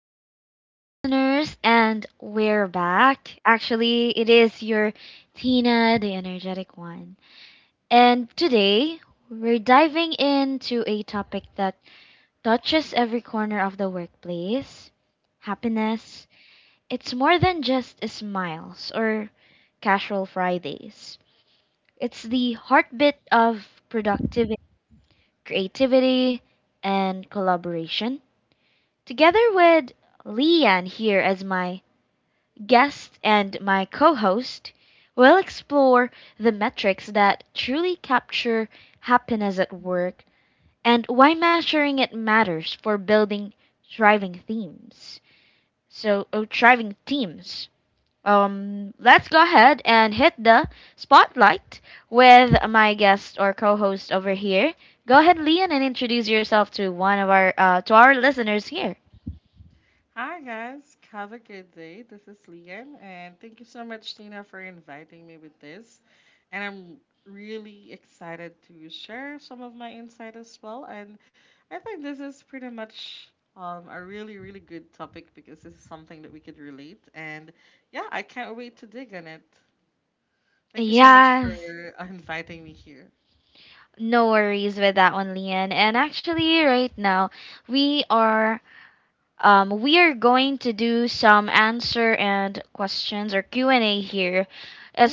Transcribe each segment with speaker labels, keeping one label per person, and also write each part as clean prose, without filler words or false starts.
Speaker 1: dear listeners, and we're back. Actually, it is your Tina, the energetic one. And today, we're diving into a topic that touches every corner of the workplace happiness. It's more than just smiles or casual Fridays, it's the heartbeat of productivity, creativity, and collaboration. Together with Leanne here as my guest and my co host, we'll explore the metrics that truly capture happiness at work and why measuring it matters for building thriving themes. Thriving teams. Let's go ahead and hit the spotlight with my guest or co-host over here. Go ahead, Leon, and introduce yourself to one of our to our listeners here.
Speaker 2: Hi, guys. Have a good day. This is Lian, and thank you so much, Tina, for inviting me with this. And I'm really excited to share some of my insight as well. And I think this is pretty much a really, really good topic because this is something that we could relate. And yeah, I can't wait to dig on it. Thank you so much
Speaker 1: Yes.
Speaker 2: for inviting me here.
Speaker 1: No worries with that one, Lian. And actually, right now, we are we are going to do some answer and questions or Q&A here,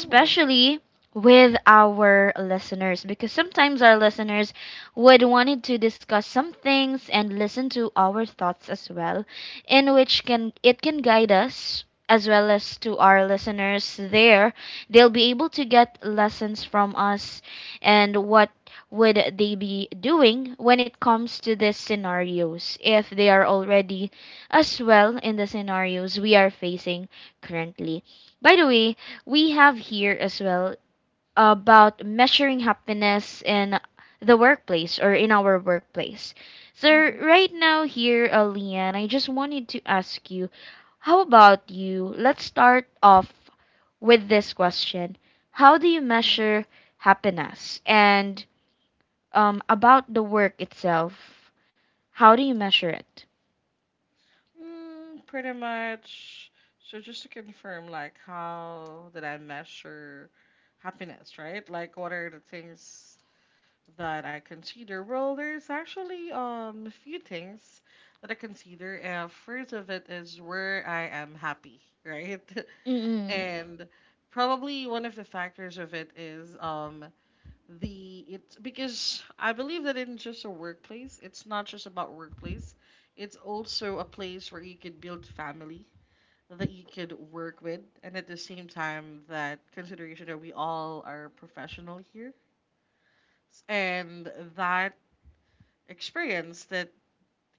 Speaker 2: Mm.
Speaker 1: with our listeners, because sometimes our listeners would wanted to discuss some things and listen to our thoughts as well, in which can it can guide us as well as to our listeners there. They'll be able to get lessons from us and what would they be doing when it comes to these scenarios if they are already as well in the scenarios we are facing currently. By the way, we have here as well about measuring happiness in the workplace or in our workplace. So,
Speaker 2: Hmm.
Speaker 1: right now, here, Leanne, I just wanted to ask you, how about you? Let's start off with this question. How do you measure happiness? And about the work itself, how do you measure it?
Speaker 2: Mm, pretty much. So just to confirm, like, how did I measure happiness, right? Like, what are the things that I consider? Well, there's actually a few things that I consider. First of it is where I am happy, right?
Speaker 1: Mm-mm.
Speaker 2: And probably one of the factors of it is the it's because I believe that in just a workplace, it's not just about workplace. It's also a place where you could build family that you could work with, and at the same time, that consideration that we all are professional here, and that experience that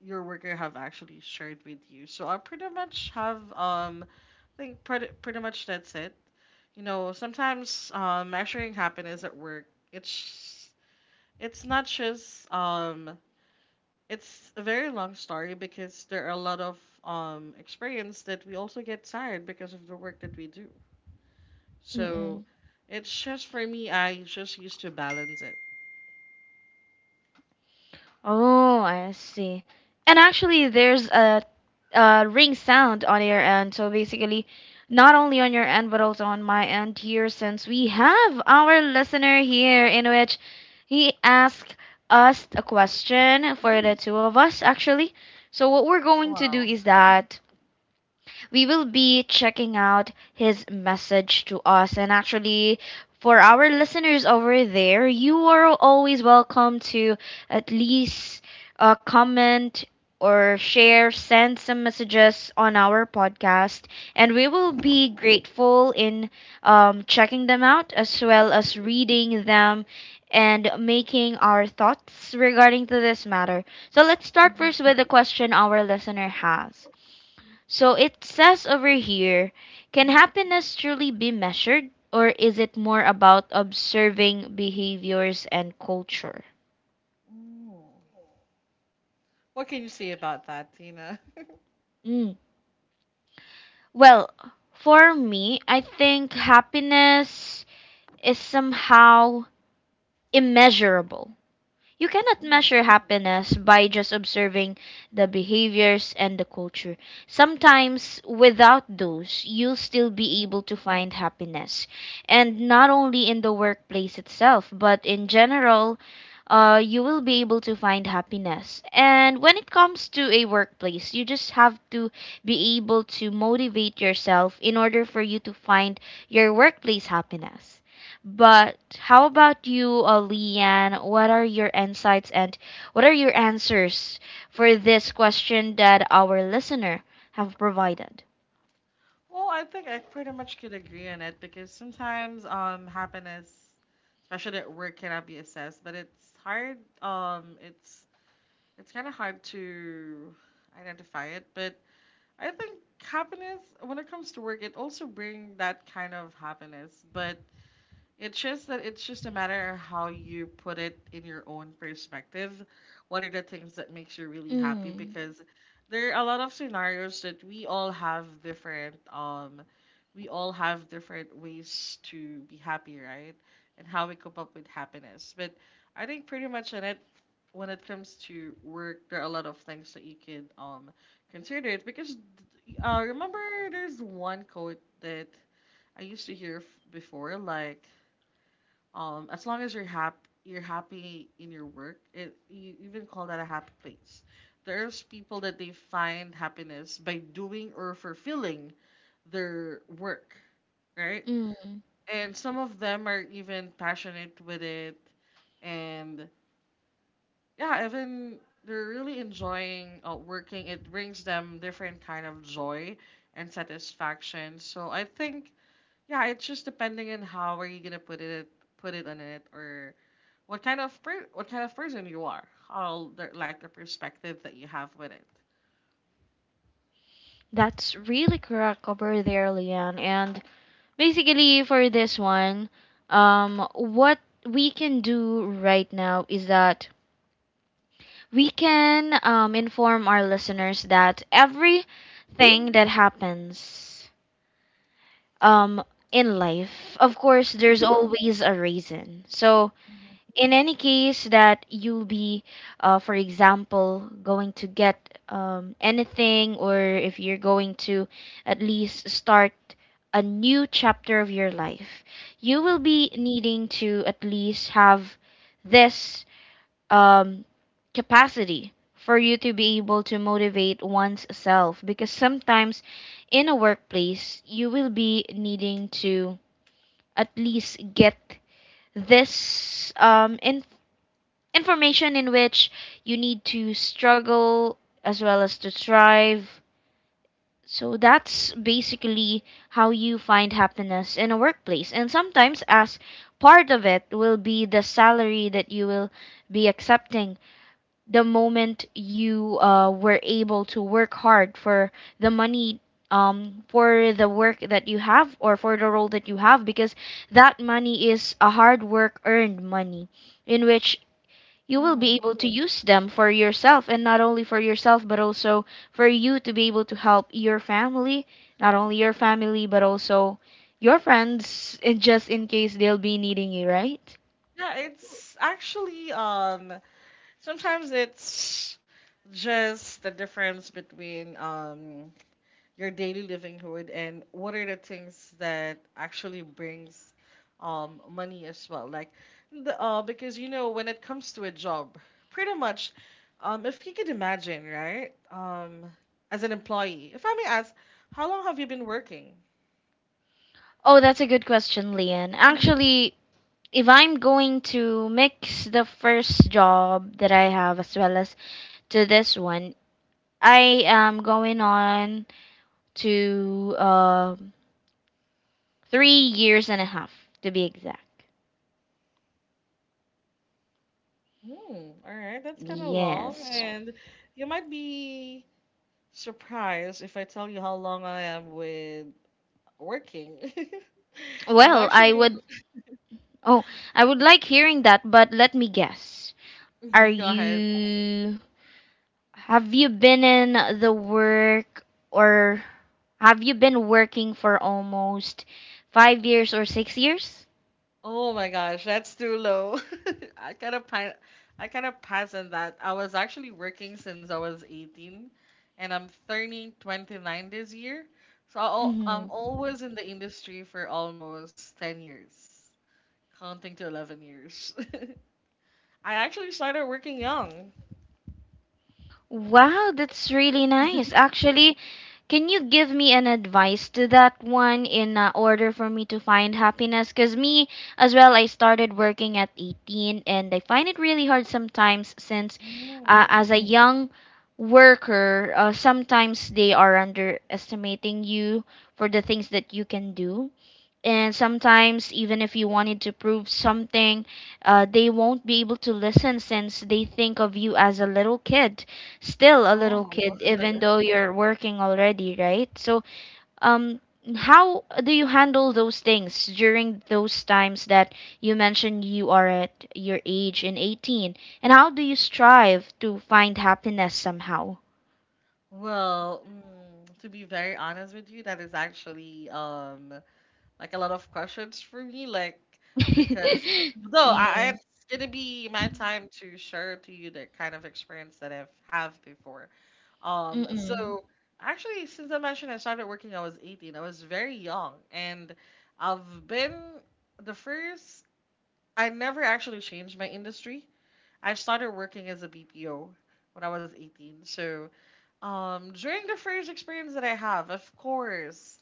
Speaker 2: your worker have actually shared with you. So I pretty much have I think pretty much that's it. You know, sometimes measuring happiness at work, it's it's not just it's a very long story because there are a lot of experience that we also get tired because of the work that we do. So
Speaker 1: Mm-mm.
Speaker 2: it's just for me, I just used to balance it.
Speaker 1: Oh, I see. And actually, a ring sound on your end. So basically, not only on your end, but also on my end here, since we have our listener here, in which he asked us a question for the two of us, actually. So, what we're going to do
Speaker 2: Wow.
Speaker 1: is that we will be checking out his message to us. And actually, for our listeners over there, you are always welcome to at least comment or share, send some messages on our podcast, and we will be grateful in checking them out as well as reading them and making our thoughts regarding to this matter. So let's start first with the question our listener has. So it says over here, can happiness truly be measured, or is it more about observing behaviors and culture?
Speaker 2: Mm. What can you say about that, Tina?
Speaker 1: Mm. Well, for me, I think happiness is somehow immeasurable. You cannot
Speaker 2: Mm-hmm.
Speaker 1: measure happiness by just observing the behaviors and the culture. Sometimes, without those, you'll still be able to find happiness. And not only in the workplace itself, but in general, you will be able to find happiness. And when it comes to a workplace, you just have to be able to motivate yourself in order for you to find your workplace happiness. But how about you, Leanne? What are your insights and what are your answers for this question that our listener have provided?
Speaker 2: Well, I think I pretty much could agree on it because sometimes happiness, especially at work, cannot be assessed. But it's hard. Um, it's it's kind of hard to identify it. But I think happiness, when it comes to work, it also brings that kind of happiness, but it's just a matter of how you put it in your own perspective. What are the things that makes you really happy?
Speaker 1: Mm.
Speaker 2: Because there are a lot of scenarios that we all have different ways to be happy, right? And how we cope up with happiness. But I think pretty much in it when it comes to work, there are a lot of things that you can consider it because remember, there's one quote that I used to before, like as long as you're happy in your work, it, you even call that a happy place. There's people that they find happiness by doing or fulfilling their work, right?
Speaker 1: Mm.
Speaker 2: And some of them are even passionate with it, and yeah, even they're really enjoying working. It brings them different kind of joy and satisfaction. So I think yeah, it's just depending on how are you gonna put it on it or what kind of person you are, how the, like the perspective that you have with it.
Speaker 1: That's really correct over there, Leanne. And basically, for this one, what we can do right now is that we can inform our listeners that everything that happens um in life, of course,
Speaker 2: Mm-hmm.
Speaker 1: there's always a reason. So in any case that you'll be for example, going to get anything, or if you're going to at least start a new chapter of your life, you will be needing to at least have this um, capacity for you to be able to motivate one's self, because sometimes in a workplace you will be needing to at least get this information in which you need to struggle as well as to thrive. So that's basically how you find happiness in a workplace, and sometimes as part of it will be the salary that you will be accepting the moment you were able to work hard for the money for the work that you have or for the role that you have, because that money is a hard work earned money in which you will be able to use them for yourself, and not only for yourself, but also for you to be able to help your family, not only your family but also your friends, and just in case they'll be needing you, right?
Speaker 2: Yeah, it's actually sometimes it's just the difference between your daily livelihood and what are the things that actually brings money as well, like because you know when it comes to a job pretty much, if you could imagine, right, as an employee, if I may ask, how long have you been working?
Speaker 1: Oh, that's a good question, Leanne.
Speaker 2: Mhm.
Speaker 1: Actually, if I'm going to mix the first job that I have as well as to this one, I am going on to 3 years and a half, to be exact.
Speaker 2: Hmm, all right, that's kind of long,
Speaker 1: Yes.
Speaker 2: and you might be surprised if I tell you how long I am with working. I'm
Speaker 1: Well, I
Speaker 2: actually,
Speaker 1: would. Oh, I would like hearing that, but let me guess. Are
Speaker 2: mhm, go ahead.
Speaker 1: you. Have you been in the work or have you been working for almost 5 years or 6 years?
Speaker 2: Oh my gosh, that's too low. I kind of pa- I kind of passed on that. I was actually working since I was 18, and I'm turning 29 this year.
Speaker 1: Mm
Speaker 2: I'm
Speaker 1: hmm.
Speaker 2: always in the industry for almost 10 years, counting to 11 years. I actually started working young.
Speaker 1: Wow, that's really nice. Actually, can you give me an advice to that one in order for me to find happiness? Because me as well, I started working at 18 and I find it really hard sometimes since
Speaker 2: Mm.
Speaker 1: as a young worker, sometimes they are underestimating you for the things that you can do, and sometimes even if you wanted to prove something they won't be able to listen since they think of you as a little kid, still a little
Speaker 2: Oh,
Speaker 1: kid even though you're working already, right? So um how do you handle those things during those times that you mentioned you are at your age in 18, and how do you strive to find happiness somehow?
Speaker 2: well, mm, to be very honest with you, that is actually like a lot of questions for me, like because though I, I-
Speaker 1: Yes.
Speaker 2: it's gonna be my time to share to you the kind of experience that I've have before.
Speaker 1: Mm-mm.
Speaker 2: So actually, since I mentioned I started working, I was 18. I was very young, and I've been the first. I never actually changed my industry. I started working as a BPO when I was 18. So during the first experience that I have, of course,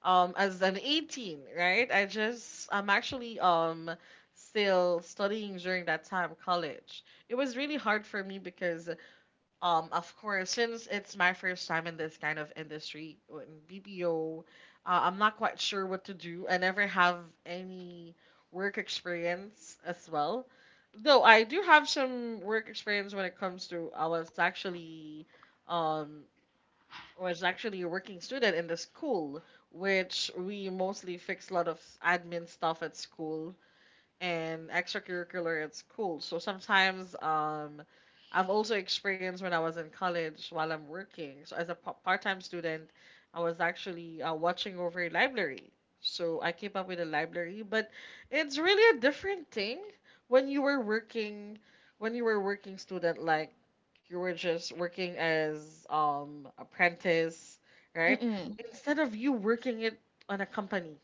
Speaker 2: as an 18, right, I'm actually still studying during that time, college. It was really hard for me because of course, since it's my first time in this kind of industry in BPO, I'm not quite sure what to do. I never have any work experience as well, though I do have some work experience when it comes to, I was actually um was actually a working student in the school, which we mostly fixed a lot of admin stuff at school and extracurricular at school. So sometimes I've also experienced when I was in college while I'm working. So as a part-time student, I was actually watching over a library. So I keep up with the library, but it's really a different thing when you were working when you were working student, like you were just working as apprentice, right?
Speaker 1: Mm-mm.
Speaker 2: Instead of you working it on a company,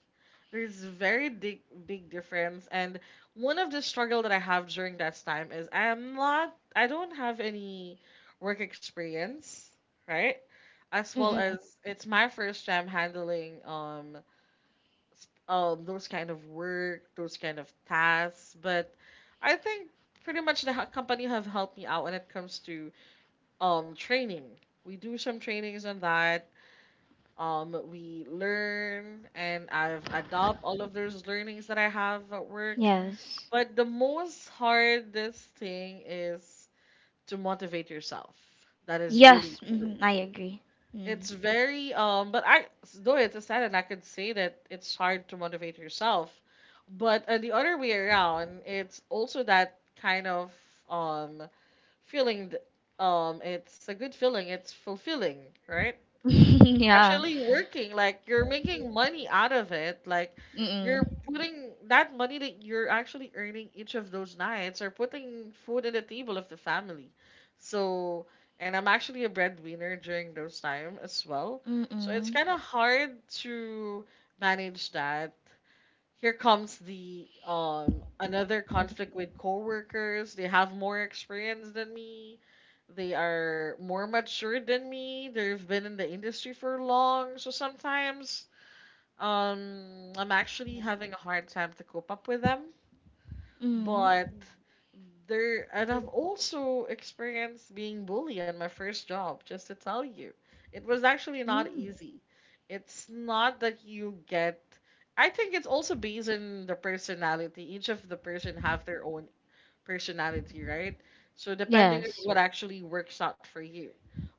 Speaker 2: there's very big big difference, and one of the struggle that I have during that time is I don't have any work experience, right? As well
Speaker 1: Mm-mm.
Speaker 2: as it's my first time handling those kind of work, those kind of tasks, but I think pretty much the company have helped me out when it comes to training. We do some trainings on that, we learn, and I've adopt all of those learnings that I have at work.
Speaker 1: Yes.
Speaker 2: But the most hardest thing is to motivate yourself. That is really
Speaker 1: Yes,
Speaker 2: true.
Speaker 1: mhm, I agree.
Speaker 2: It's
Speaker 1: Mm.
Speaker 2: very but I though it's a sad, and I could say that it's hard to motivate yourself, but the other way around, it's also that kind of um feeling. th- it's a good feeling. It's fulfilling, right?
Speaker 1: Yeah.
Speaker 2: Especially working, like you're making money out of it, like
Speaker 1: Mm-mm.
Speaker 2: you're putting that money that you're actually earning. Each of those nights are putting food in the table of the family, so, and I'm actually a breadwinner during those time as well. So it's
Speaker 1: Mm-mm.
Speaker 2: kind of hard to manage that. Here comes the another conflict with coworkers. They have more experience than me. They are more mature than me. They've been in the industry for long. So sometimes, I'm actually having a hard time to cope up with them,
Speaker 1: Mm.
Speaker 2: but there, and I've also experienced being bullied on my first job, just to tell you. It was actually not
Speaker 1: Mm.
Speaker 2: easy. It's not that you get, I think it's also based on the personality. Each of the person have their own personality, right? So depending on
Speaker 1: Yes.
Speaker 2: what actually works out for you.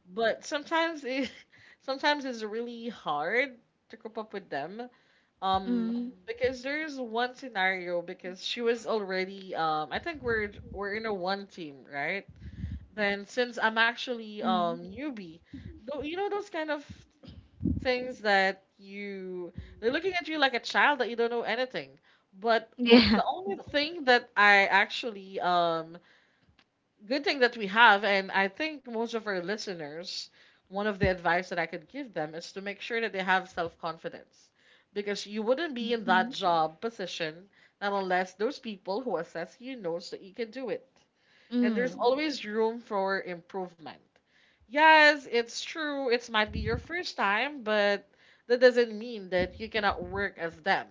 Speaker 2: But sometimes it sometimes it's really hard to cope up with them, um,
Speaker 1: Mm.
Speaker 2: because there's one scenario, because she was already I think we're in a one team, right? Then since I'm actually
Speaker 1: Mm.
Speaker 2: newbie, though you know those kind of things that you, they're looking at you like a child that you don't know anything. But the
Speaker 1: Yeah.
Speaker 2: only thing that I actually good thing that we have, and I think most of our listeners, one of the advice that I could give them is to make sure that they have self confidence. Because you wouldn't be in that
Speaker 1: Mm-hmm.
Speaker 2: job position not unless those people who assess you knows that you can do it, and there's
Speaker 1: Mm.
Speaker 2: always room for improvement. Yes, it's true, it might be your first time, but that doesn't mean that you cannot work as them.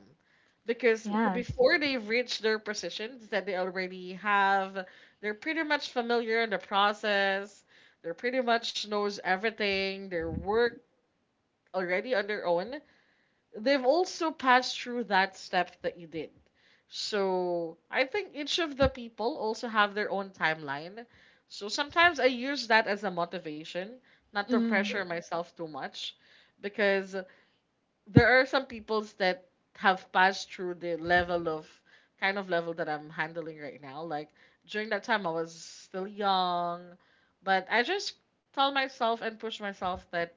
Speaker 2: Because
Speaker 1: Yes.
Speaker 2: before they've reached their positions that they already have, they're pretty much familiar in the process. They're pretty much knows everything. They work already on their own. They've also passed through that step that you did. So I think each of the people also have their own timeline. So sometimes I use that as a motivation, not to pressure
Speaker 1: Mm.
Speaker 2: myself too much, because there are some peoples that have passed through the level of kind of level that I'm handling right now. Like during that time, I was still young, but I just tell myself and push myself that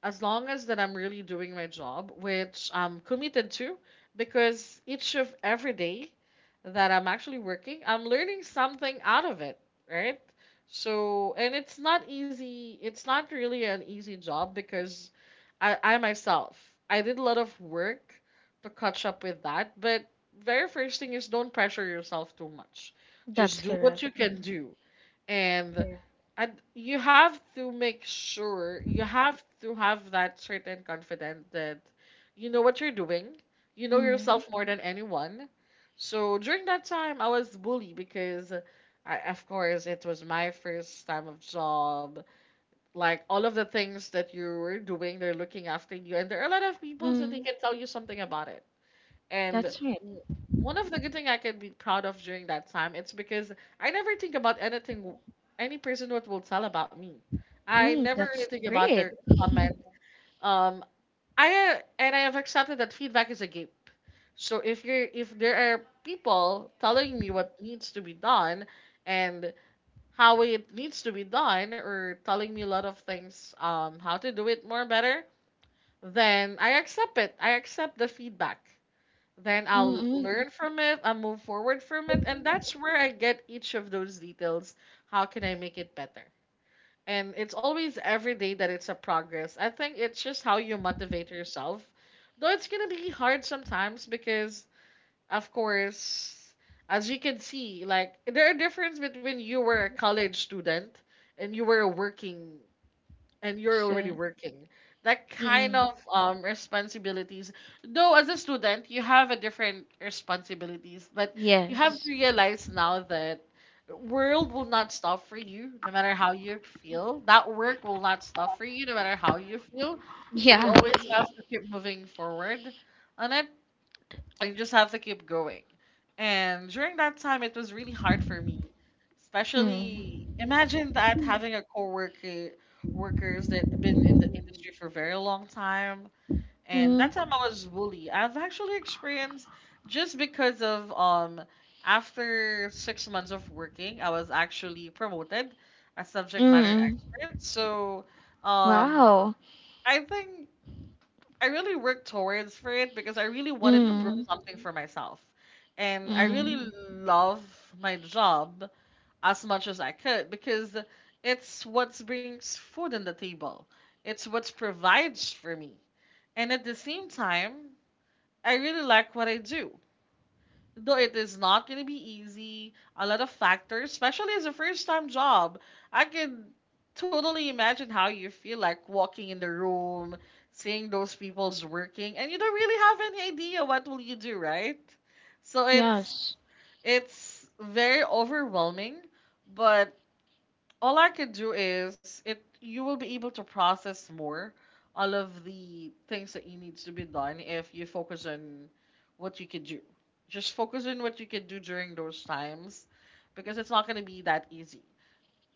Speaker 2: as long as that I'm really doing my job, which I'm committed to, because each of every day that I'm actually working, I'm learning something out of it, right? So, and it's not easy. It's not really an easy job because I myself, I did a lot of work to catch up with that. But very first thing is don't pressure yourself too much. Just
Speaker 1: That's
Speaker 2: do what
Speaker 1: correct.
Speaker 2: you can
Speaker 1: Mm-hmm.
Speaker 2: do and and you have to make sure you have to have that certain confidence that you know what you're doing, you know
Speaker 1: Mm.
Speaker 2: yourself more than anyone. So during that time I was bullied because I, of course it was my first time of job. Like all of the things that you were doing, they're looking after you and there are a lot of people that they
Speaker 1: Mm.
Speaker 2: can tell you something about it. And
Speaker 1: That's right.
Speaker 2: w- one of the good thing I can be proud of during that time, it's because I never think about anything, any person what will tell about me. I
Speaker 1: Mm.
Speaker 2: never really
Speaker 1: That's
Speaker 2: think about their
Speaker 1: great.
Speaker 2: comment. Um, I have accepted that feedback is a gift. So if there are people telling me what needs to be done and how it needs to be done, or telling me a lot of things how to do it more better, then I accept it. I accept the feedback, then I'll
Speaker 1: Mm-mm.
Speaker 2: learn from it, I'll move forward from it, and that's where I get each of those details. How can I make it better? And it's always every day that it's a progress. I think it's just how you motivate yourself. Though it's gonna be hard sometimes because, of course, as you can see, like there are difference between you were a college student and you were a working and you're already
Speaker 1: So,
Speaker 2: working. That kind
Speaker 1: mm-mm.
Speaker 2: of responsibilities, though, as a student, you have a different responsibilities. But you have to
Speaker 1: Yes.
Speaker 2: realize now that the world will not stop for you, no matter how you feel. That work will not stop for you, no matter how you feel. So you
Speaker 1: Yeah.
Speaker 2: always have to keep moving forward on it, you just have to keep going. And during that time, it was really hard for me,
Speaker 1: Mm.
Speaker 2: especially imagine that having a coworker workers that been in the industry for a very long time. And that
Speaker 1: Mm.
Speaker 2: time I was bullied. I've actually experienced just because of after 6 months of working, I was actually promoted as subject matter
Speaker 1: Mm.
Speaker 2: expert. So um
Speaker 1: Wow.
Speaker 2: I think I really worked towards for it because I really wanted to prove
Speaker 1: Mm.
Speaker 2: something for myself. And I really
Speaker 1: Mm.
Speaker 2: love my job as much as I could because it's what brings food on the table. It's what provides for me. And at the same time, I really like what I do. Though it is not going to be easy, a lot of factors, especially as a first time job. I can totally imagine how you feel like walking in the room, seeing those people's working, and you don't really have any idea what will you do, right? So
Speaker 1: Yes.
Speaker 2: it's very overwhelming, but all I can do is it you will be able to process more all of the things that you needs to be done if you focus on what you can do. Just focus on what you can do during those times because it's not gonna be that easy.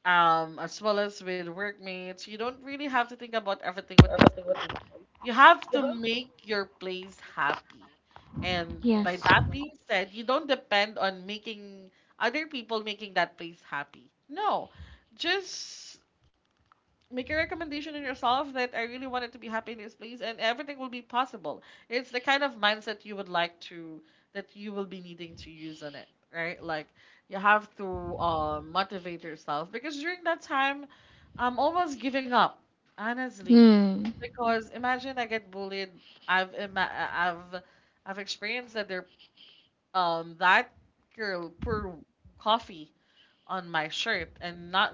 Speaker 2: As well as with workmates, you don't really have to think about everything what they say. You have to make your place happy. And by
Speaker 1: Yes.
Speaker 2: that being said, you don't depend on making other people making that place happy. No, just make a recommendation in yourself that I really wanted to be happy in this place and everything will be possible. It's the kind of mindset you would like to that you will be needing to use on it, right? Like you have to motivate yourself because during that time I'm almost giving up, honestly.
Speaker 1: Hmm.
Speaker 2: Because imagine I get bullied. I've ima- I've experienced that there that girl poured coffee on my shirt and not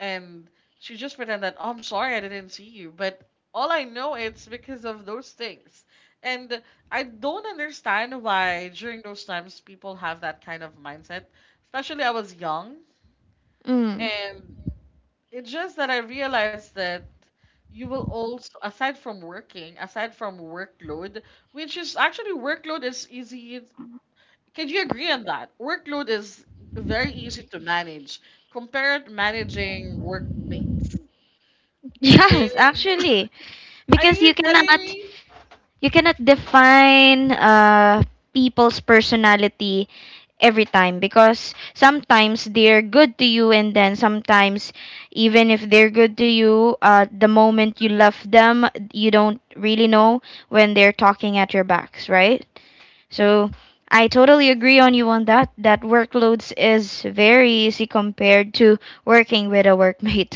Speaker 2: and she just pretend that, oh, I'm sorry I didn't see you, but all I know it's because of those things. And I don't understand why during those times people have that kind of mindset. Especially I was young,
Speaker 1: Mm.
Speaker 2: and it's just that I realized that you will also, aside from working, aside from workload, which is actually workload is easy. Can you agree on that? Workload is very easy to manage compared managing workmates.
Speaker 1: Yes,
Speaker 2: Maintaining.
Speaker 1: actually,
Speaker 2: Are
Speaker 1: because
Speaker 2: you kidding me?
Speaker 1: you cannot define people's personality every time, because sometimes they're good to you, and then sometimes even if they're good to you, the moment you left them, you don't really know when they're talking at your backs, right? So I totally agree on you on that. That workloads is very easy compared to working with a workmate.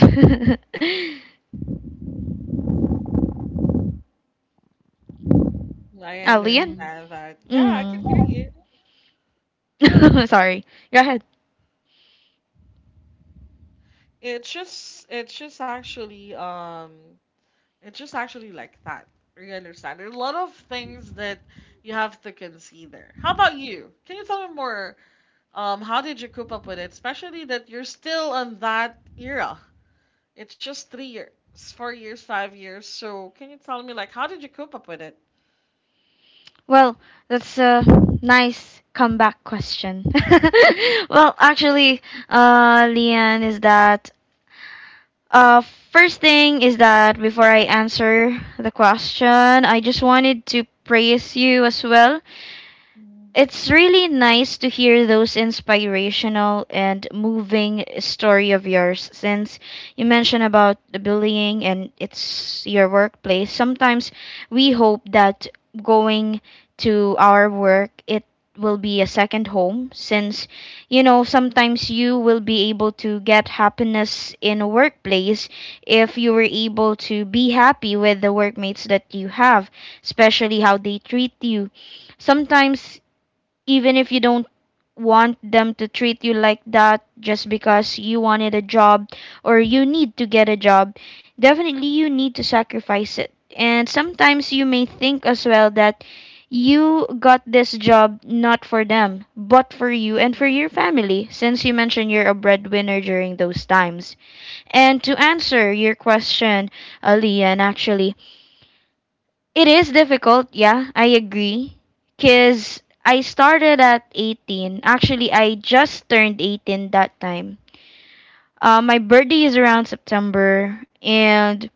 Speaker 2: I
Speaker 1: Uh, Lian?
Speaker 2: understand that. Yeah, I can hear
Speaker 1: Mm.
Speaker 2: you.
Speaker 1: Mm. Sorry. Go ahead.
Speaker 2: It's just actually, it's just actually like that. You understand? There's a lot of things that you have to consider. How about you? Can you tell me more? How did you cope up with it? Especially that you're still on that era. It's just 3 years, 4 years, 5 years. So can you tell me like how did you cope up with it?
Speaker 1: Well, that's a nice comeback question. Well, actually, Lian, is that uh, first thing is that before I answer the question, I just wanted to praise you as well. It's really nice to hear those inspirational and moving story of yours since you mentioned about the bullying and it's your workplace. Sometimes we hope that going to our work, it will be a second home, since you know sometimes you will be able to get happiness in a workplace if you were able to be happy with the workmates that you have, especially how they treat you. Sometimes even if you don't want them to treat you like that, just because you wanted a job or you need to get a job, definitely you need to sacrifice it. And sometimes you may think as well that you got this job not for them, but for you and for
Speaker 2: Mm-hmm.
Speaker 1: your family, since you mentioned you're a breadwinner during those times. And to answer your question, Ali, actually, it is difficult, yeah, I agree. Because I started at 18. Actually, I just turned 18 that time. My birthday is around September, and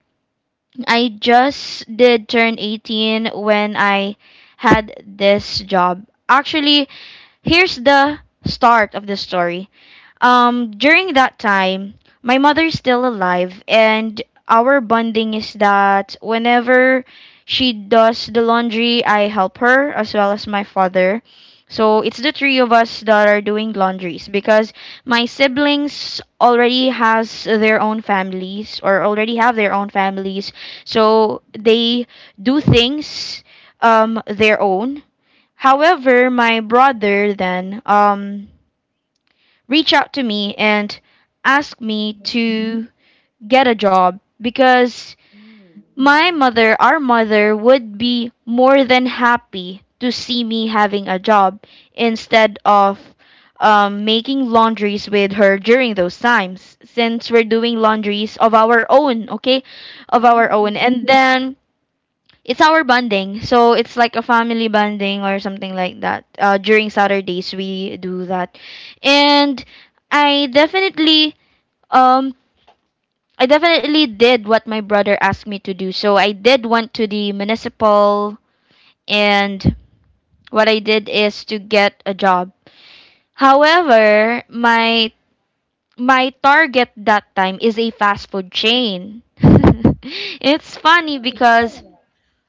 Speaker 1: I just did turn 18 when I had this job. Actually, here's the start of the story. During that time, my mother is still alive, and our bonding is that whenever she does the laundry, I help her as well as my father. So it's the three of us that are doing laundries, because my siblings already has their own families or already have their own families. So they do things their own. However, my brother then reached out to me and asked me
Speaker 2: Mm-hmm.
Speaker 1: to get a job, because my mother, our mother would be more than happy to see me having a job instead of making laundries with her during those times, since we're doing laundries of our own, okay? Of our
Speaker 2: Mm-hmm.
Speaker 1: own. And then it's our bonding. So it's like a family bonding or something like that. During Saturdays we do that, and I definitely um I definitely did what my brother asked me to do. So I did went to the municipal, and what I did is to get a job. However, my target that time is a fast food chain. It's funny
Speaker 2: Mm.
Speaker 1: because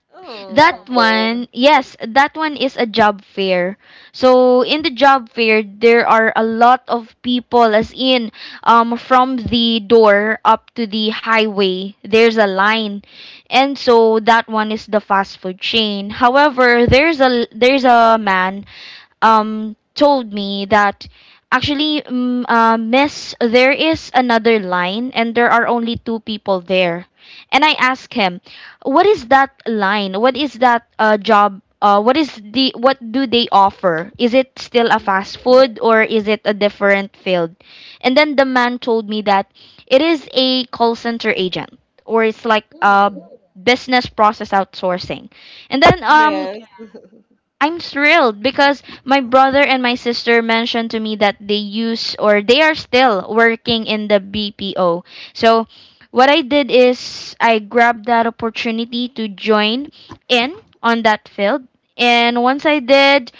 Speaker 2: Oh.
Speaker 1: that one, yes, that one is a job fair. So in the job fair, there are a lot of people, as in, from the door up to the highway, there's a line, and so that one is the fast food chain. However, there's a man, told me that. Actually, mm, Miss, there is another line, and there are only two people there. And I ask him, what is that line? What is that job? What is the what do they offer? Is it still a
Speaker 2: Mhm.
Speaker 1: fast food or is it a different field? And then the man told me that it is a call center agent, or it's like a
Speaker 2: Mm.
Speaker 1: business process outsourcing. And then
Speaker 2: Yes.
Speaker 1: I'm thrilled because my brother and my sister mentioned to me that they use or they are still working in the BPO. So what I did is I grabbed that opportunity to join in on that field. And once I did,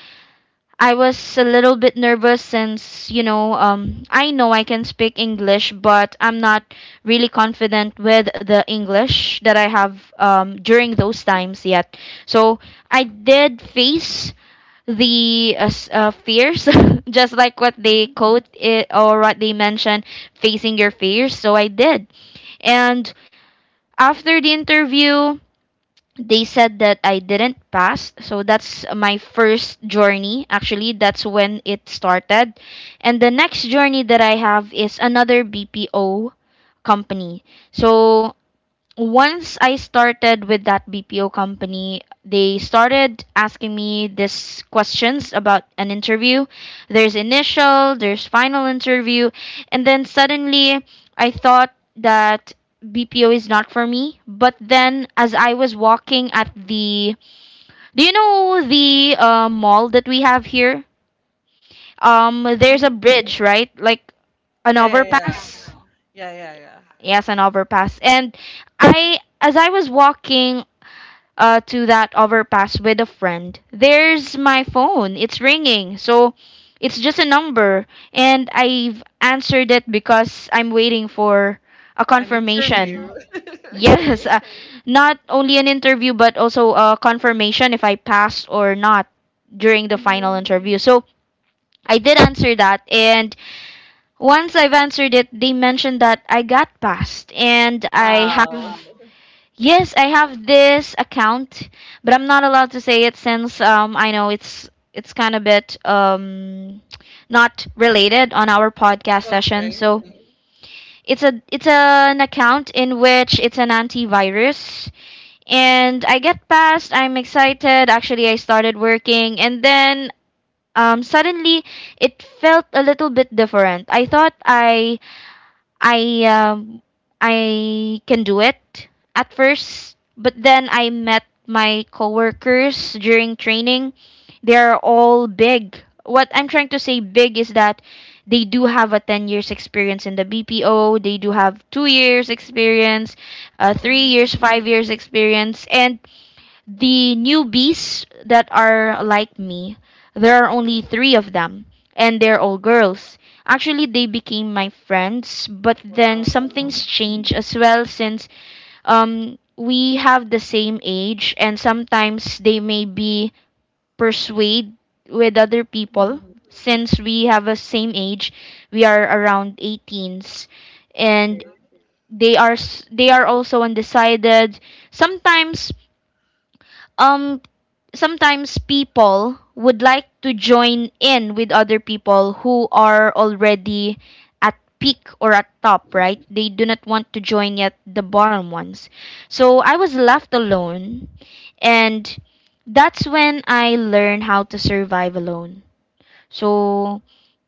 Speaker 1: I was a little bit nervous since, I know I can speak English, but I'm
Speaker 2: Mhm.
Speaker 1: not really confident with the English that I have during those times yet. So I did face the fears, just like what they
Speaker 2: Mhm.
Speaker 1: quote it or what they mention, facing your fears. So I did. And after the interview, they said that I didn't pass. So that's my first journey. Actually, that's when it started. And the next journey that I have is another BPO company. So once I started with that BPO company, they started asking me this questions about an interview. There's initial, there's final interview, and then suddenly I thought that BPO is not for me. But then as I was walking at the do you know the mall that we have here? There's a
Speaker 2: Mhm.
Speaker 1: bridge, right? Like an
Speaker 2: Yeah, yeah, yeah.
Speaker 1: overpass.
Speaker 2: Yeah, yeah, yeah.
Speaker 1: Yes, an overpass. And I as I was walking to that overpass with a friend, there's my phone. It's ringing. So it's just a number. And I've answered it because I'm waiting for a
Speaker 2: An interview.
Speaker 1: confirmation.
Speaker 2: Okay.
Speaker 1: Yes, not only an interview, but also a confirmation if I passed or not during the final
Speaker 2: Mhm.
Speaker 1: interview. So I did answer that. And once I've answered it, they mentioned that I got passed and I have,
Speaker 2: Wow.
Speaker 1: yes, I have this account, but I'm not allowed to say it since I know it's kind of bit not related on our podcast session.
Speaker 2: Okay.
Speaker 1: So it's a it's an account in which it's an antivirus and I get past, I'm excited. Actually, I started working and then suddenly it felt a little bit different. I thought I um, I can do it at first, but then I met my coworkers during training. They're all big. What I'm trying to say big is that they do have a 10 years experience in the BPO, they do have 2 years experience, 3
Speaker 2: Mhm.
Speaker 1: years, 5 years experience and the newbies that are like me, there are only three of them, and they're all girls. Actually, they became my friends, but then
Speaker 2: Wow.
Speaker 1: something's
Speaker 2: Mhm.
Speaker 1: changed as well since we have the same age, and sometimes they may be persuade with other people.
Speaker 2: Mhm.
Speaker 1: Since we have a same age, we are around 18s, and
Speaker 2: Okay.
Speaker 1: they are they are also undecided. Sometimes um Sometimes people would like to join in with other people who are already at peak or at top, right? They do not want to join yet the bottom ones. So I was left alone and that's when I learned how to survive alone. So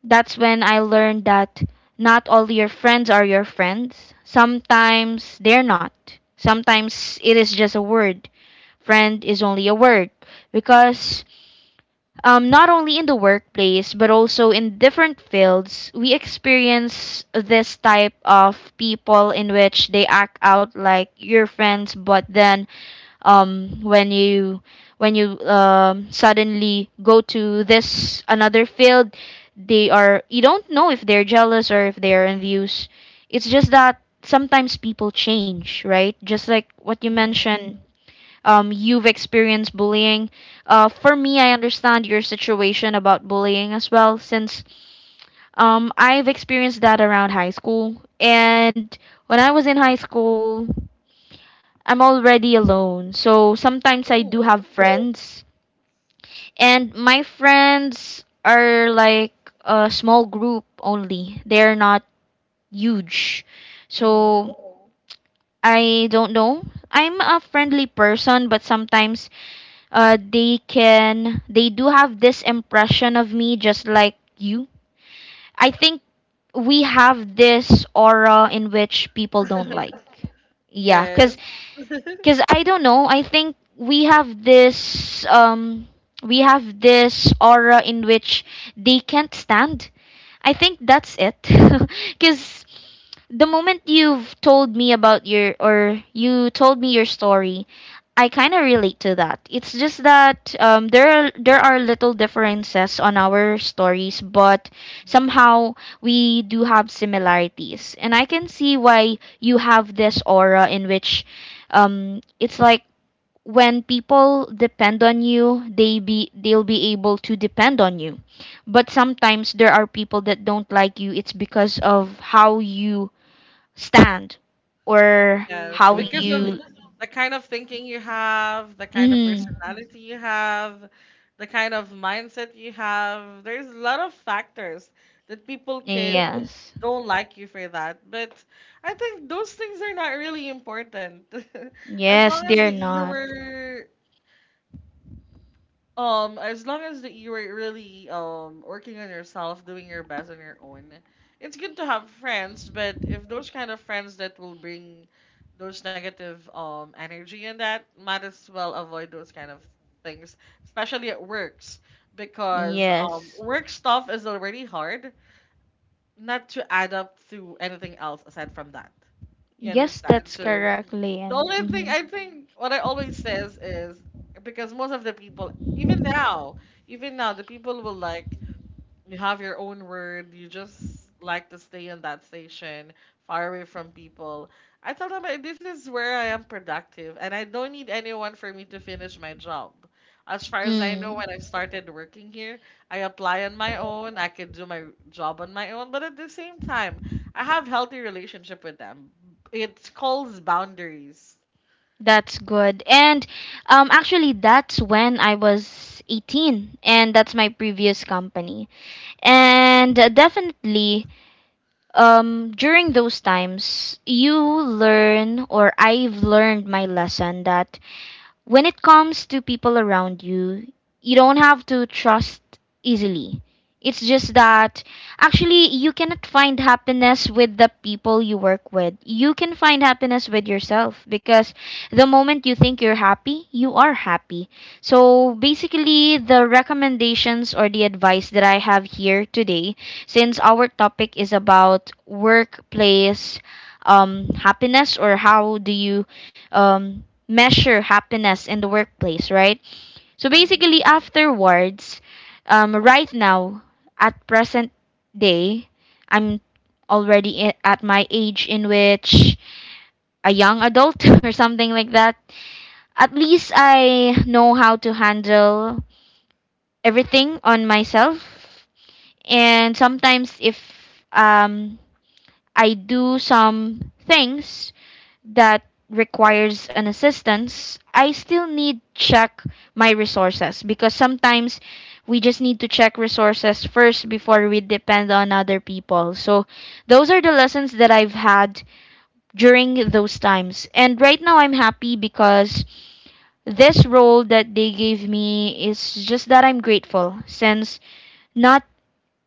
Speaker 1: that's when I learned that not all your friends are your friends. Sometimes they're not. Sometimes it is just a word friend is only a word because not only in the workplace but also in different fields we experience this type of people in which they act out like your friends but then um, when you when you suddenly go to this another field they are you don't know if they're jealous or if they're envious it's just that sometimes people change, right, just like what you
Speaker 2: Mhm.
Speaker 1: mentioned. You've experienced bullying. For me, I understand your situation about bullying as well, since I've experienced that around high school. And when I was in high school, I'm already alone. So sometimes I do
Speaker 2: Mm.
Speaker 1: have friends, and my friends are like a small group only, they're not huge.
Speaker 2: Mhm.
Speaker 1: So I don't know. I'm a friendly person, but sometimes they do have this impression of me just like you. I think we have this aura in which people don't like, yeah,
Speaker 2: Yes.
Speaker 1: because I don't know I think we have this aura in which they can't stand. I think that's it. Because the moment you told me your story, I kind of relate to that. It's just that there are little differences on our stories, but somehow we do have similarities, and I can see why you have this aura in which it's like when people depend on you, they'll be able to depend on you but sometimes there are people that don't like you it's because of how you stand or
Speaker 2: Yes,
Speaker 1: how
Speaker 2: because of
Speaker 1: you.
Speaker 2: the kind of thinking you have, the
Speaker 1: Hmm.
Speaker 2: kind of personality you have, the kind of mindset you have. There's a lot of factors that people could
Speaker 1: Yes.
Speaker 2: don't like you for that. But I think those things are not really important. As
Speaker 1: Yes,
Speaker 2: long as
Speaker 1: they're
Speaker 2: that you
Speaker 1: not.
Speaker 2: were as long as that you are really working on yourself, doing your best on your own, it's good to have friends. But if those kind of friends that will bring those negative energy and that, might as well avoid those kind of things, especially at works, because
Speaker 1: Yes,
Speaker 2: work stuff is already hard not to add up to anything else aside from that. You
Speaker 1: yes,
Speaker 2: understand?
Speaker 1: that's
Speaker 2: So
Speaker 1: correct,
Speaker 2: the
Speaker 1: Lian.
Speaker 2: only thing
Speaker 1: Mm-hmm.
Speaker 2: I think what I always says is because most of the people even now the people will like you have your own word. You just like to stay in that station, far away from people. I tell them, "Eh, this is where I am productive, and I don't need anyone for me to finish my job. As far as I know, when I
Speaker 1: Mm.
Speaker 2: started working here, I apply on my own. I can do my job on my own, but at the same time, I have healthy relationship with them. It calls boundaries.
Speaker 1: That's good. And actually that's when I was 18 and that's my previous company and definitely during those times you learn or I've learned my lesson that when it comes to people around you, you don't have to trust easily. It's just that actually you cannot find happiness with the people you work with. You can find happiness with yourself because the moment you think you're happy, you are happy. So basically, the recommendations or the advice that I have here today, since our topic is about workplace happiness or how do you measure happiness in the workplace, right? So basically, afterwards, right now, at present day, I'm already at my age in which a young adult or something like that. At least I know how to handle everything on myself. And sometimes, if um, I do some things that requires an assistance, I still need check my resources because sometimes we just need to check resources first before we depend on other people. So those are the lessons that I've had during those times. And right now I'm happy because this role that they gave me is just that I'm grateful since not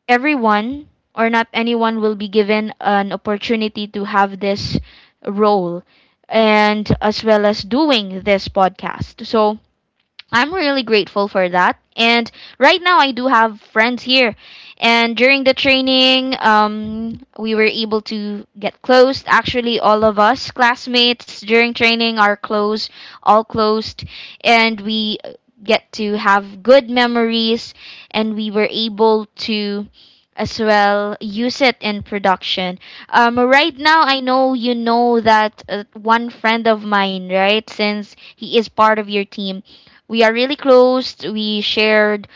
Speaker 1: everyone or not anyone will be given an opportunity to have this role and as well as doing this podcast. So I'm really grateful for that. And right now, I do have friends here. And during the training, we were able to get closed. Actually, all of us classmates during training are close, all closed. And we get to have good memories. And we were able to as well use it in production. Right now, I know you know that one friend of mine, right? Since he is part of your team we are really close. We shared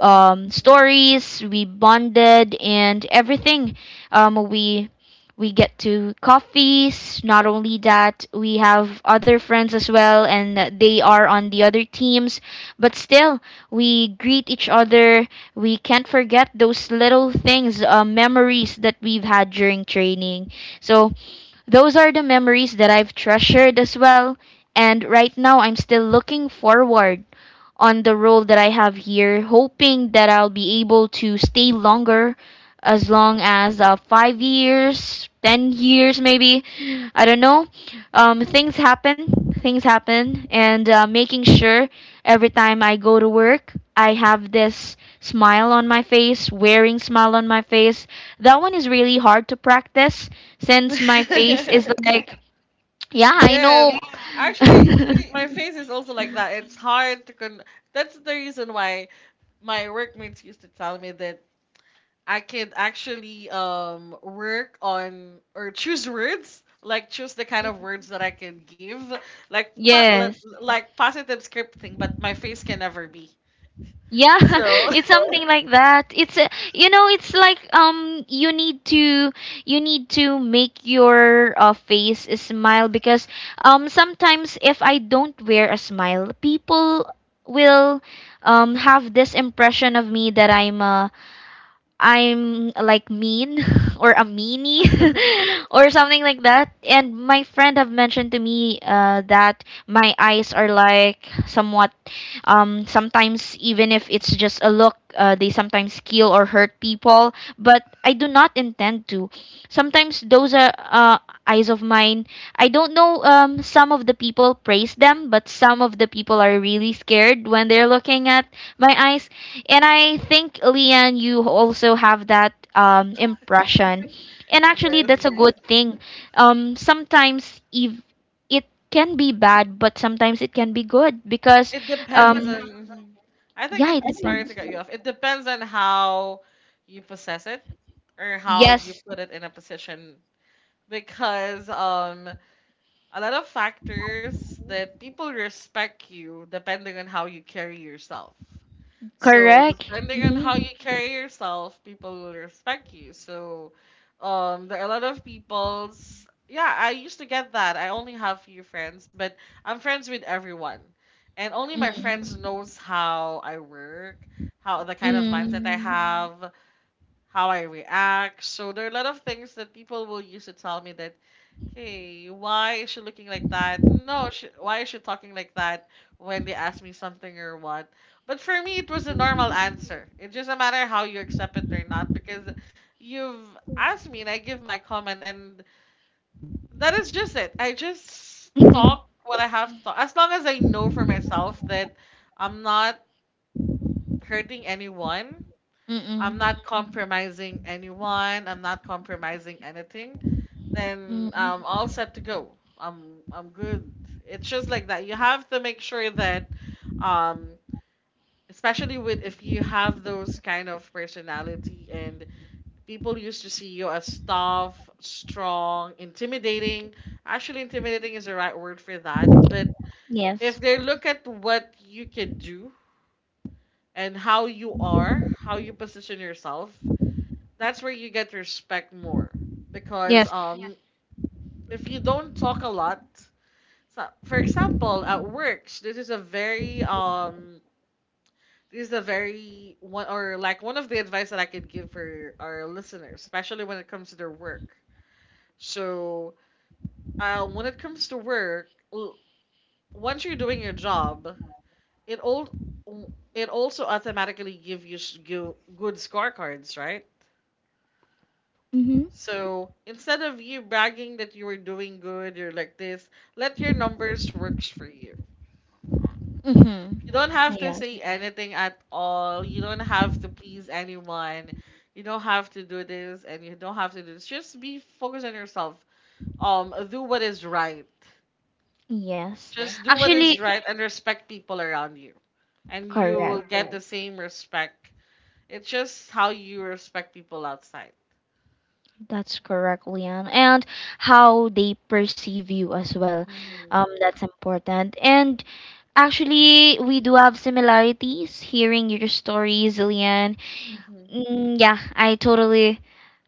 Speaker 1: stories. We bonded and everything. Um, we we get to coffees. Not only that, we have other friends as well, and they are on the other teams. But still, we greet each other. We can't forget those little things, memories that we've had during training. So those are the memories that I've treasured as well. And right now, I'm still looking forward on the role that I have here, hoping that I'll be able to stay longer, as long as 5 years, 10 years, maybe. I don't know. Things happen, things happen, and making sure every time I go to work, I have this smile on my face, wearing smile on my face. That one is really hard to practice since my face is like, yeah, I
Speaker 2: Yes,
Speaker 1: know.
Speaker 2: actually, it's my face is also like that. It's hard to con. That's the reason why my workmates used to tell me that I could actually work on or choose words, like choose the kind of words that I can give, like po- like
Speaker 1: Yes.
Speaker 2: like positive scripting, but my face can never be.
Speaker 1: Yeah,
Speaker 2: So
Speaker 1: it's something like that. It's a, you know, it's like you need to make your face smile because sometimes if I don't wear a smile, people will have this impression of me that I'm like mean or a meanie or something like that. And my friend have mentioned to me that my eyes are like somewhat sometimes even if it's just a look, they sometimes kill or hurt people. But I do not intend to. Sometimes those are eyes of mine. I don't know. Some of the people praise them, but some of the people are really scared when they're looking at my eyes and I think, Leanne, you also have that impression. And actually, that's
Speaker 2: yes,
Speaker 1: a good thing. Sometimes if it can be bad, but sometimes it can be good because,
Speaker 2: it depends
Speaker 1: um,
Speaker 2: on. Mhm. I think
Speaker 1: yeah, it
Speaker 2: it's sorry to
Speaker 1: depends.
Speaker 2: cut you off. It depends on how you possess it or how you
Speaker 1: Yes,
Speaker 2: put it in a position because a lot of factors that people respect you depending on how you carry yourself. So
Speaker 1: correct.
Speaker 2: depending on how
Speaker 1: Mm-hmm.
Speaker 2: you carry yourself, people will respect you. So there are a lot of people's, yeah, I used to get that. I only have few friends, but I'm friends with everyone. And only my friends
Speaker 1: Mm-mm.
Speaker 2: knows how I work, how the kind of mindset I
Speaker 1: Mm.
Speaker 2: have, how I react. So there are a lot of things that people will use to tell me that, hey, why is she looking like that? No, she, why is she talking like that when they ask me something or what? But for me, it was a normal answer. It's just a matter how you accept it or not because you've asked me and I give my comment and that is just it. I just talk what I have to talk. As long as I know for myself that I'm not hurting anyone, I'm
Speaker 1: Mm-mm.
Speaker 2: not compromising anyone. I'm not compromising anything. Then
Speaker 1: Mm.
Speaker 2: I'm all set to go. I'm good. It's just like that. You have to make sure that, um, especially with if you have those kind of personality and people used to see you as tough, strong, intimidating. Actually, intimidating is the right word for that. But
Speaker 1: Yes.
Speaker 2: if they look at what you can do and how you are, how you position yourself, that's where you get respect more because
Speaker 1: Yes.
Speaker 2: yeah. If you don't talk a lot, so for example at works, this is a very one or like one of the advice that I could give for our listeners, especially when it comes to their work. So when it comes to once you're doing your job, it all it also automatically give you good scorecards, right?
Speaker 1: Mm-hmm.
Speaker 2: So instead of you bragging that you were doing good, you're like this, let your numbers works for you.
Speaker 1: Mm-hmm.
Speaker 2: You don't have to
Speaker 1: Yes.
Speaker 2: say anything at all. You don't have to please anyone. You don't have to do this and you don't have to do this. Just be focused on yourself. Do what is right. Yeah.
Speaker 1: Yes.
Speaker 2: Just do what is
Speaker 1: Actually,
Speaker 2: right and respect people around you. And you will
Speaker 1: correct.
Speaker 2: get the same respect. It's just how you respect people outside.
Speaker 1: That's correct, Leon. And how they perceive you as well. That's important. And actually, we do have similarities hearing your stories, Leon. Yeah,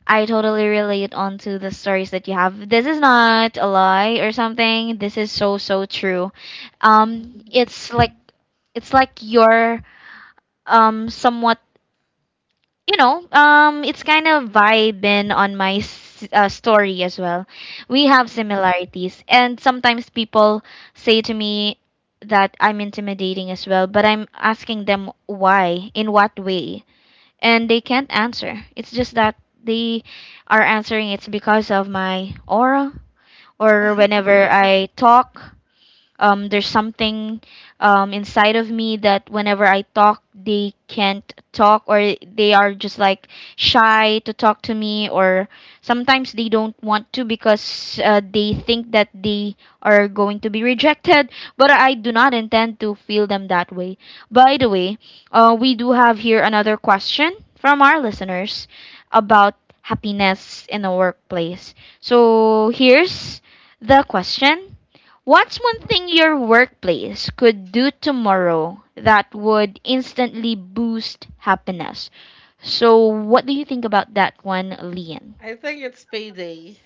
Speaker 1: I totally relate onto the stories that you have. This is not a lie or something. This is so, so true. Um, it's like, it's like you're somewhat it's kind of vibing on my story as well. We have similarities, and sometimes people say to me that I'm intimidating as well, but I'm asking them why, in what way, and they can't answer. It's just that they are answering it's because of my aura or
Speaker 2: I
Speaker 1: whenever I talk there's something inside of me that whenever I talk, they can't talk, or they are just like shy to talk to me, or sometimes they don't want to because they think that they are going to be rejected. But I do not intend to feel them that way. By the way, we do have here another question from our listeners about happiness in the workplace. So here's the question. What's one thing your workplace could do tomorrow that would instantly boost happiness? So, what do you think about that one, Lian?
Speaker 2: think it's payday.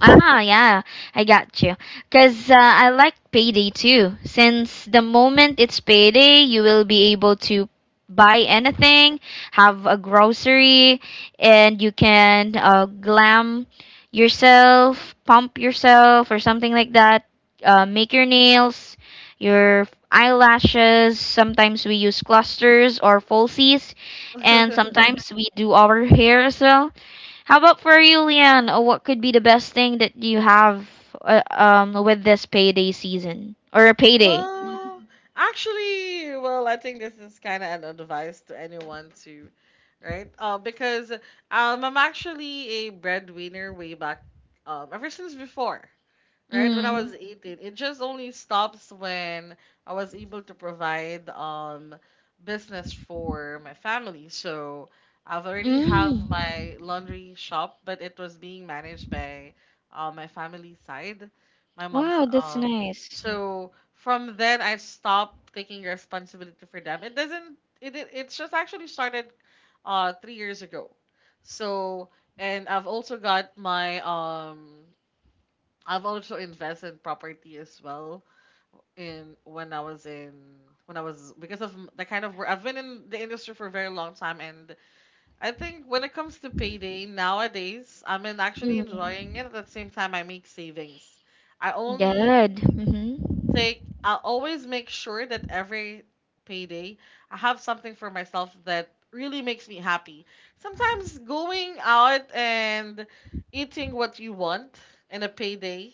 Speaker 1: Ah, yeah, I got you. Because I like payday too. Since the moment it's payday, you will be able to buy anything, have a grocery, and you can glam yourself, pump yourself, or something like that. Make your nails, your eyelashes. Sometimes we use clusters or falsies, and sometimes we do our hair as well. How about for you, Leanne? What could be the best thing that you have with this payday season or a payday?
Speaker 2: Well, actually, I think this is kind of an advice to anyone too, right? Because I'm actually a breadwinner way back, ever since before, right? When I was
Speaker 1: Mm.
Speaker 2: 18, it just only stops when I was able to provide business for my family. So I've already have
Speaker 1: Mm.
Speaker 2: my laundry shop, but it was being managed by my family side, my mom's
Speaker 1: Wow, that's
Speaker 2: um.
Speaker 1: nice.
Speaker 2: So from then I stopped taking responsibility for them. It doesn't. It it's just actually started 3 years ago. So, and I've also got my I've also invested in property as well, in when I was in when I was. Because of the kind of work I've been in the industry for a very long time, and I think when it comes to payday nowadays, I'm in actually enjoying it.
Speaker 1: Mm.
Speaker 2: At the same time, I make savings. I only
Speaker 1: Good. Mhm.
Speaker 2: take I always make sure that every payday I have something for myself that really makes me happy. Sometimes going out and eating what you want in a payday,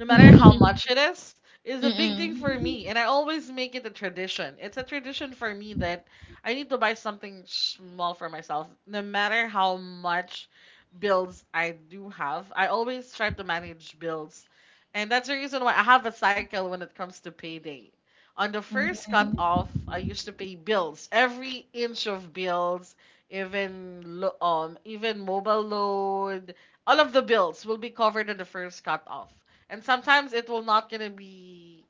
Speaker 2: no matter how much it is a big thing
Speaker 1: Mm-mm.
Speaker 2: for me, and I always make it a tradition. It's a tradition for me that I need to buy something small for myself no matter how much bills I do have. I always try to manage bills, and that's the reason why I have a cycle when it comes to payday. On the first
Speaker 1: Mm-mm.
Speaker 2: cutoff, I used to pay bills, every inch of bills, even even mobile load. All of the bills will be covered on the first cutoff. And sometimes it will not gonna be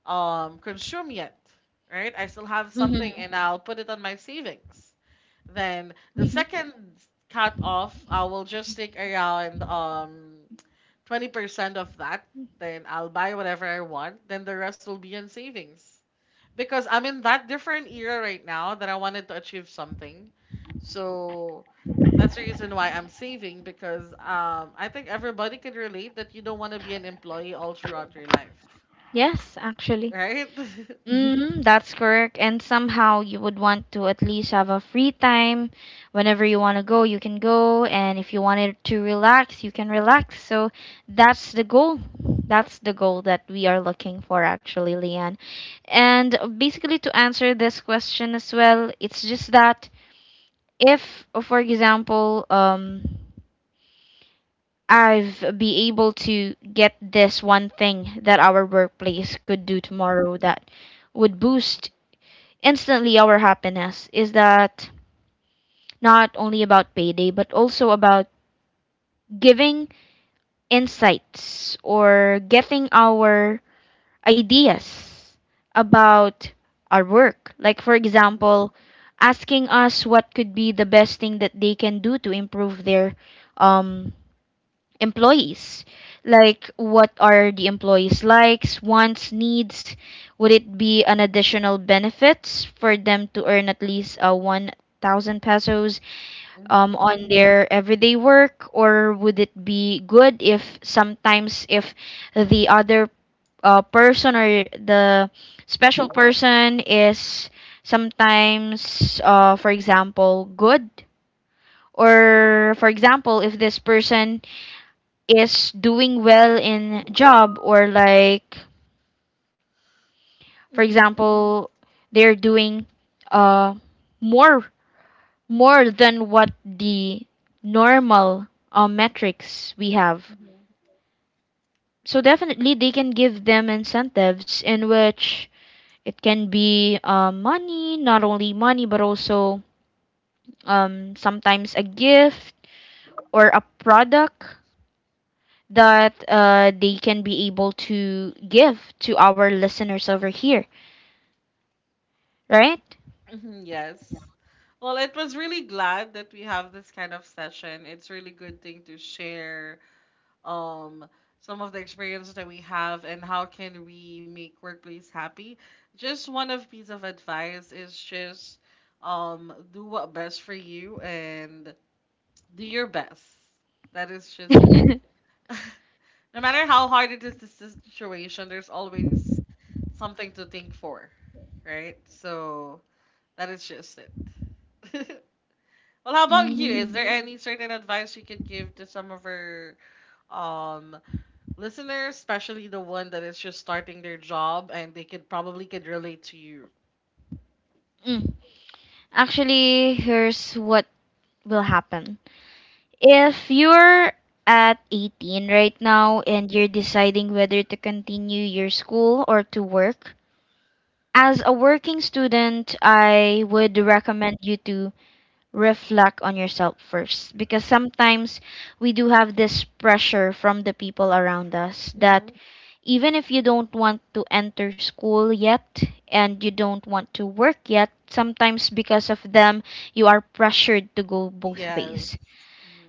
Speaker 2: consumed yet, right? I still have something,
Speaker 1: Mm-hmm.
Speaker 2: and I'll put it on my savings. Then the
Speaker 1: Mm-hmm.
Speaker 2: second cutoff, I will just take around 20% of that, then I'll buy whatever I want. Then the rest will be in savings. Because I'm in that different era right now that I wanted to achieve something. So that's the reason why I'm saving, because I think everybody can relate that you don't want to be an employee all throughout your life,
Speaker 1: Yes, actually.
Speaker 2: right?
Speaker 1: Mm, that's correct. And somehow you would want to at least have a free time. Whenever you want to go, you can go. And if you wanted to relax, you can relax. So that's the goal. That's the goal that we are looking for, actually, Leanne. And basically, to answer this question as well, it's just that if, for example, I've be able to get this one thing that our workplace could do tomorrow that would boost instantly, our happiness is that not only about payday, but also about giving insights or getting our ideas about our work. Like, for example, asking us what could be the best thing that they can do to improve their um, employees. Like, what are the employees' likes, wants, needs? Would it be an additional benefits for them to earn at least 1,000 pesos on their everyday work? Or would it be good if sometimes if the other person or the special person is sometimes, for example, good? Or, for example, if this person is doing well in job or like for example they're doing uh more more than what the normal metrics we have, so definitely they can give them incentives in which it can be money not only money but also sometimes a gift or a product that they can be able to give to our listeners over here. Right?
Speaker 2: Mhm, yes. Well, it was really glad that we have this kind of session. It's really good thing to share um some of the experiences that we have, and how can we make workplace happy. Just one of piece of advice is just do what best for you, and do your best. That is just it. No matter how hard it is the situation, there's always something to think for, right? So that is just it. Well, how about you? Is
Speaker 1: Mm.
Speaker 2: there any certain advice you could give to some of our um listeners, especially the one that is just starting their job and they could probably could relate to you.
Speaker 1: Mm. Actually, here's what will happen. If you're at 18 right now and you're deciding whether to continue your school or to work, as a working student, I would recommend you to reflect on yourself first because sometimes we do have this pressure from the people around us that even if you don't want to enter school yet and you don't want to work yet, sometimes because of them, you are pressured to go both
Speaker 2: Yes.
Speaker 1: ways.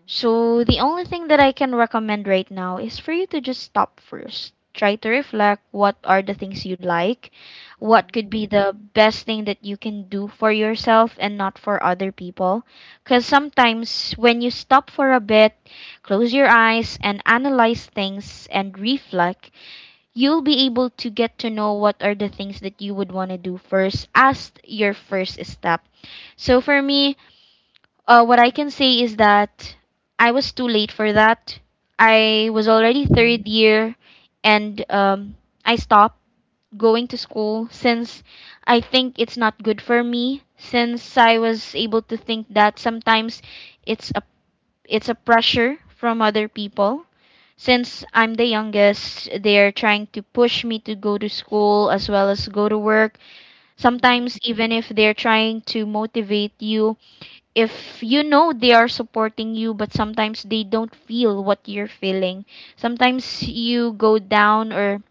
Speaker 1: So, the only thing that I can recommend right now is for you to just stop first. Try to reflect what are the things you like, what could be the best thing that you can do for yourself and not for other people. Because sometimes when you stop for a bit, close your eyes and analyze things and reflect, you'll be able to get to know what are the things that you would want to do first as your first step. So for me, what I can say is that I was too late for that. I was already third year, and I stopped going to school since I think it's not good for me. Since I was able to think that sometimes it's a it's a pressure from other people since I'm the youngest, they're trying to push me to go to school as well as go to work. Sometimes, even if they're trying to motivate you, if you know they are supporting you, but sometimes they don't feel what you're feeling. Sometimes you go down, or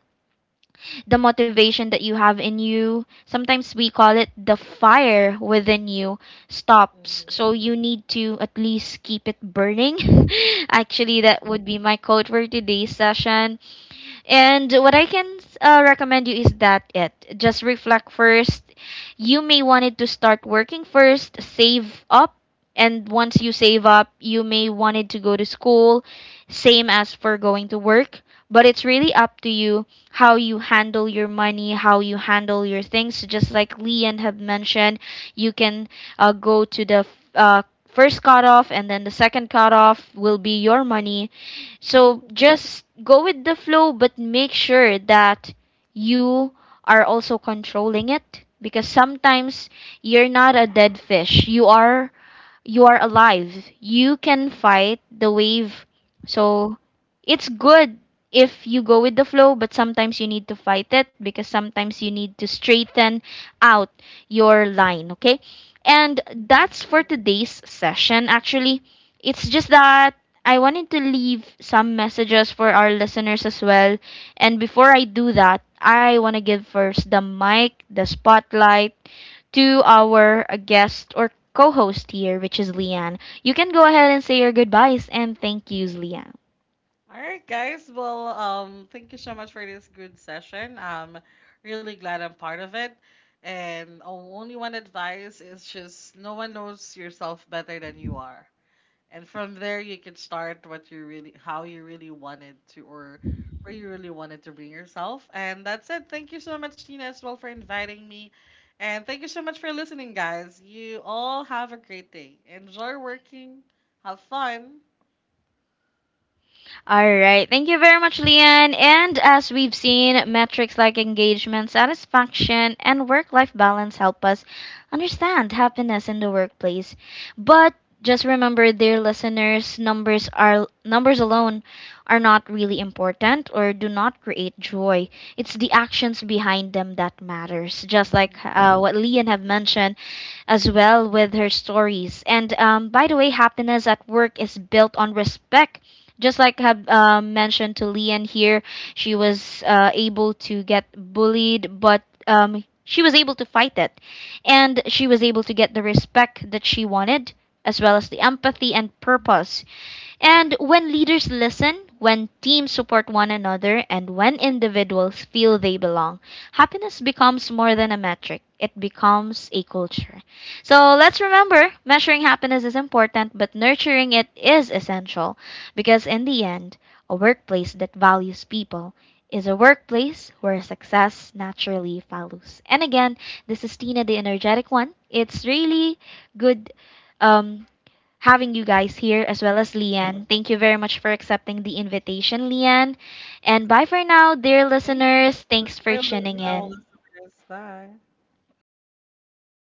Speaker 1: the motivation that you have in you, sometimes we call it the fire within you, stops. So you need to at least keep it burning. Actually, that would be my quote for today's session. And what I can recommend you is that it just reflect first. You may wanted to start working first, save up, and once you save up, you may wanted to go to school, same as for going to work. But it's really up to you how you handle your money, how you handle your things. So just like Leon have mentioned, you can go to the uh, first cutoff, and then the second cutoff will be your money, so just go with the flow, but make sure that you are also controlling it because sometimes you're not a dead fish. You are alive. You can fight the wave. So it's good if you go with the flow, but sometimes you need to fight it because sometimes you need to straighten out your line, okay? And that's for today's session actually. It's just that I wanted to leave some messages for our listeners as well. And before I do that, I want to give first the mic, the spotlight to our guest or co host here, which is Leanne. You can go ahead and say your goodbyes and thank yous, Leanne.
Speaker 2: All right, guys. Well, thank you so much for this good session. I'm really glad I'm part of it. And only one advice is just no one knows yourself better than you are, and from there you can start what you really, how you really wanted to, or where you really wanted to bring yourself. And that's it. Thank you so much, Tina, as well, for inviting me, and thank you so much for listening, guys. You all have a great day. Enjoy working, have fun.
Speaker 1: All right. Thank you very much, Leanne. And as we've seen, metrics like engagement, satisfaction, and work life balance help us understand happiness in the workplace. But just remember, dear listeners, numbers are numbers alone are not really important or do not create joy. It's the actions behind them that matters. Just like what Leon have mentioned, as well with her stories. And by the way, happiness at work is built on respect just like have mentioned to Lian here, she was able to get bullied, but she was able to fight it, and she was able to get the respect that she wanted, as well as the empathy and purpose. And when leaders listen, when teams support one another, and when individuals feel they belong, happiness becomes more than a metric. It becomes a culture. So let's remember measuring happiness is important, but nurturing it is essential. Because in the end a workplace that values people is a workplace where success naturally follows. And again, this is Tina, the energetic one. It's really good um, having you guys here as well as Leanne. Thank you very much for accepting the invitation, Leanne. And bye for now, dear
Speaker 2: Thank you
Speaker 1: listeners. Thanks
Speaker 2: for
Speaker 1: for tuning
Speaker 2: our
Speaker 1: in.
Speaker 2: listeners. Bye.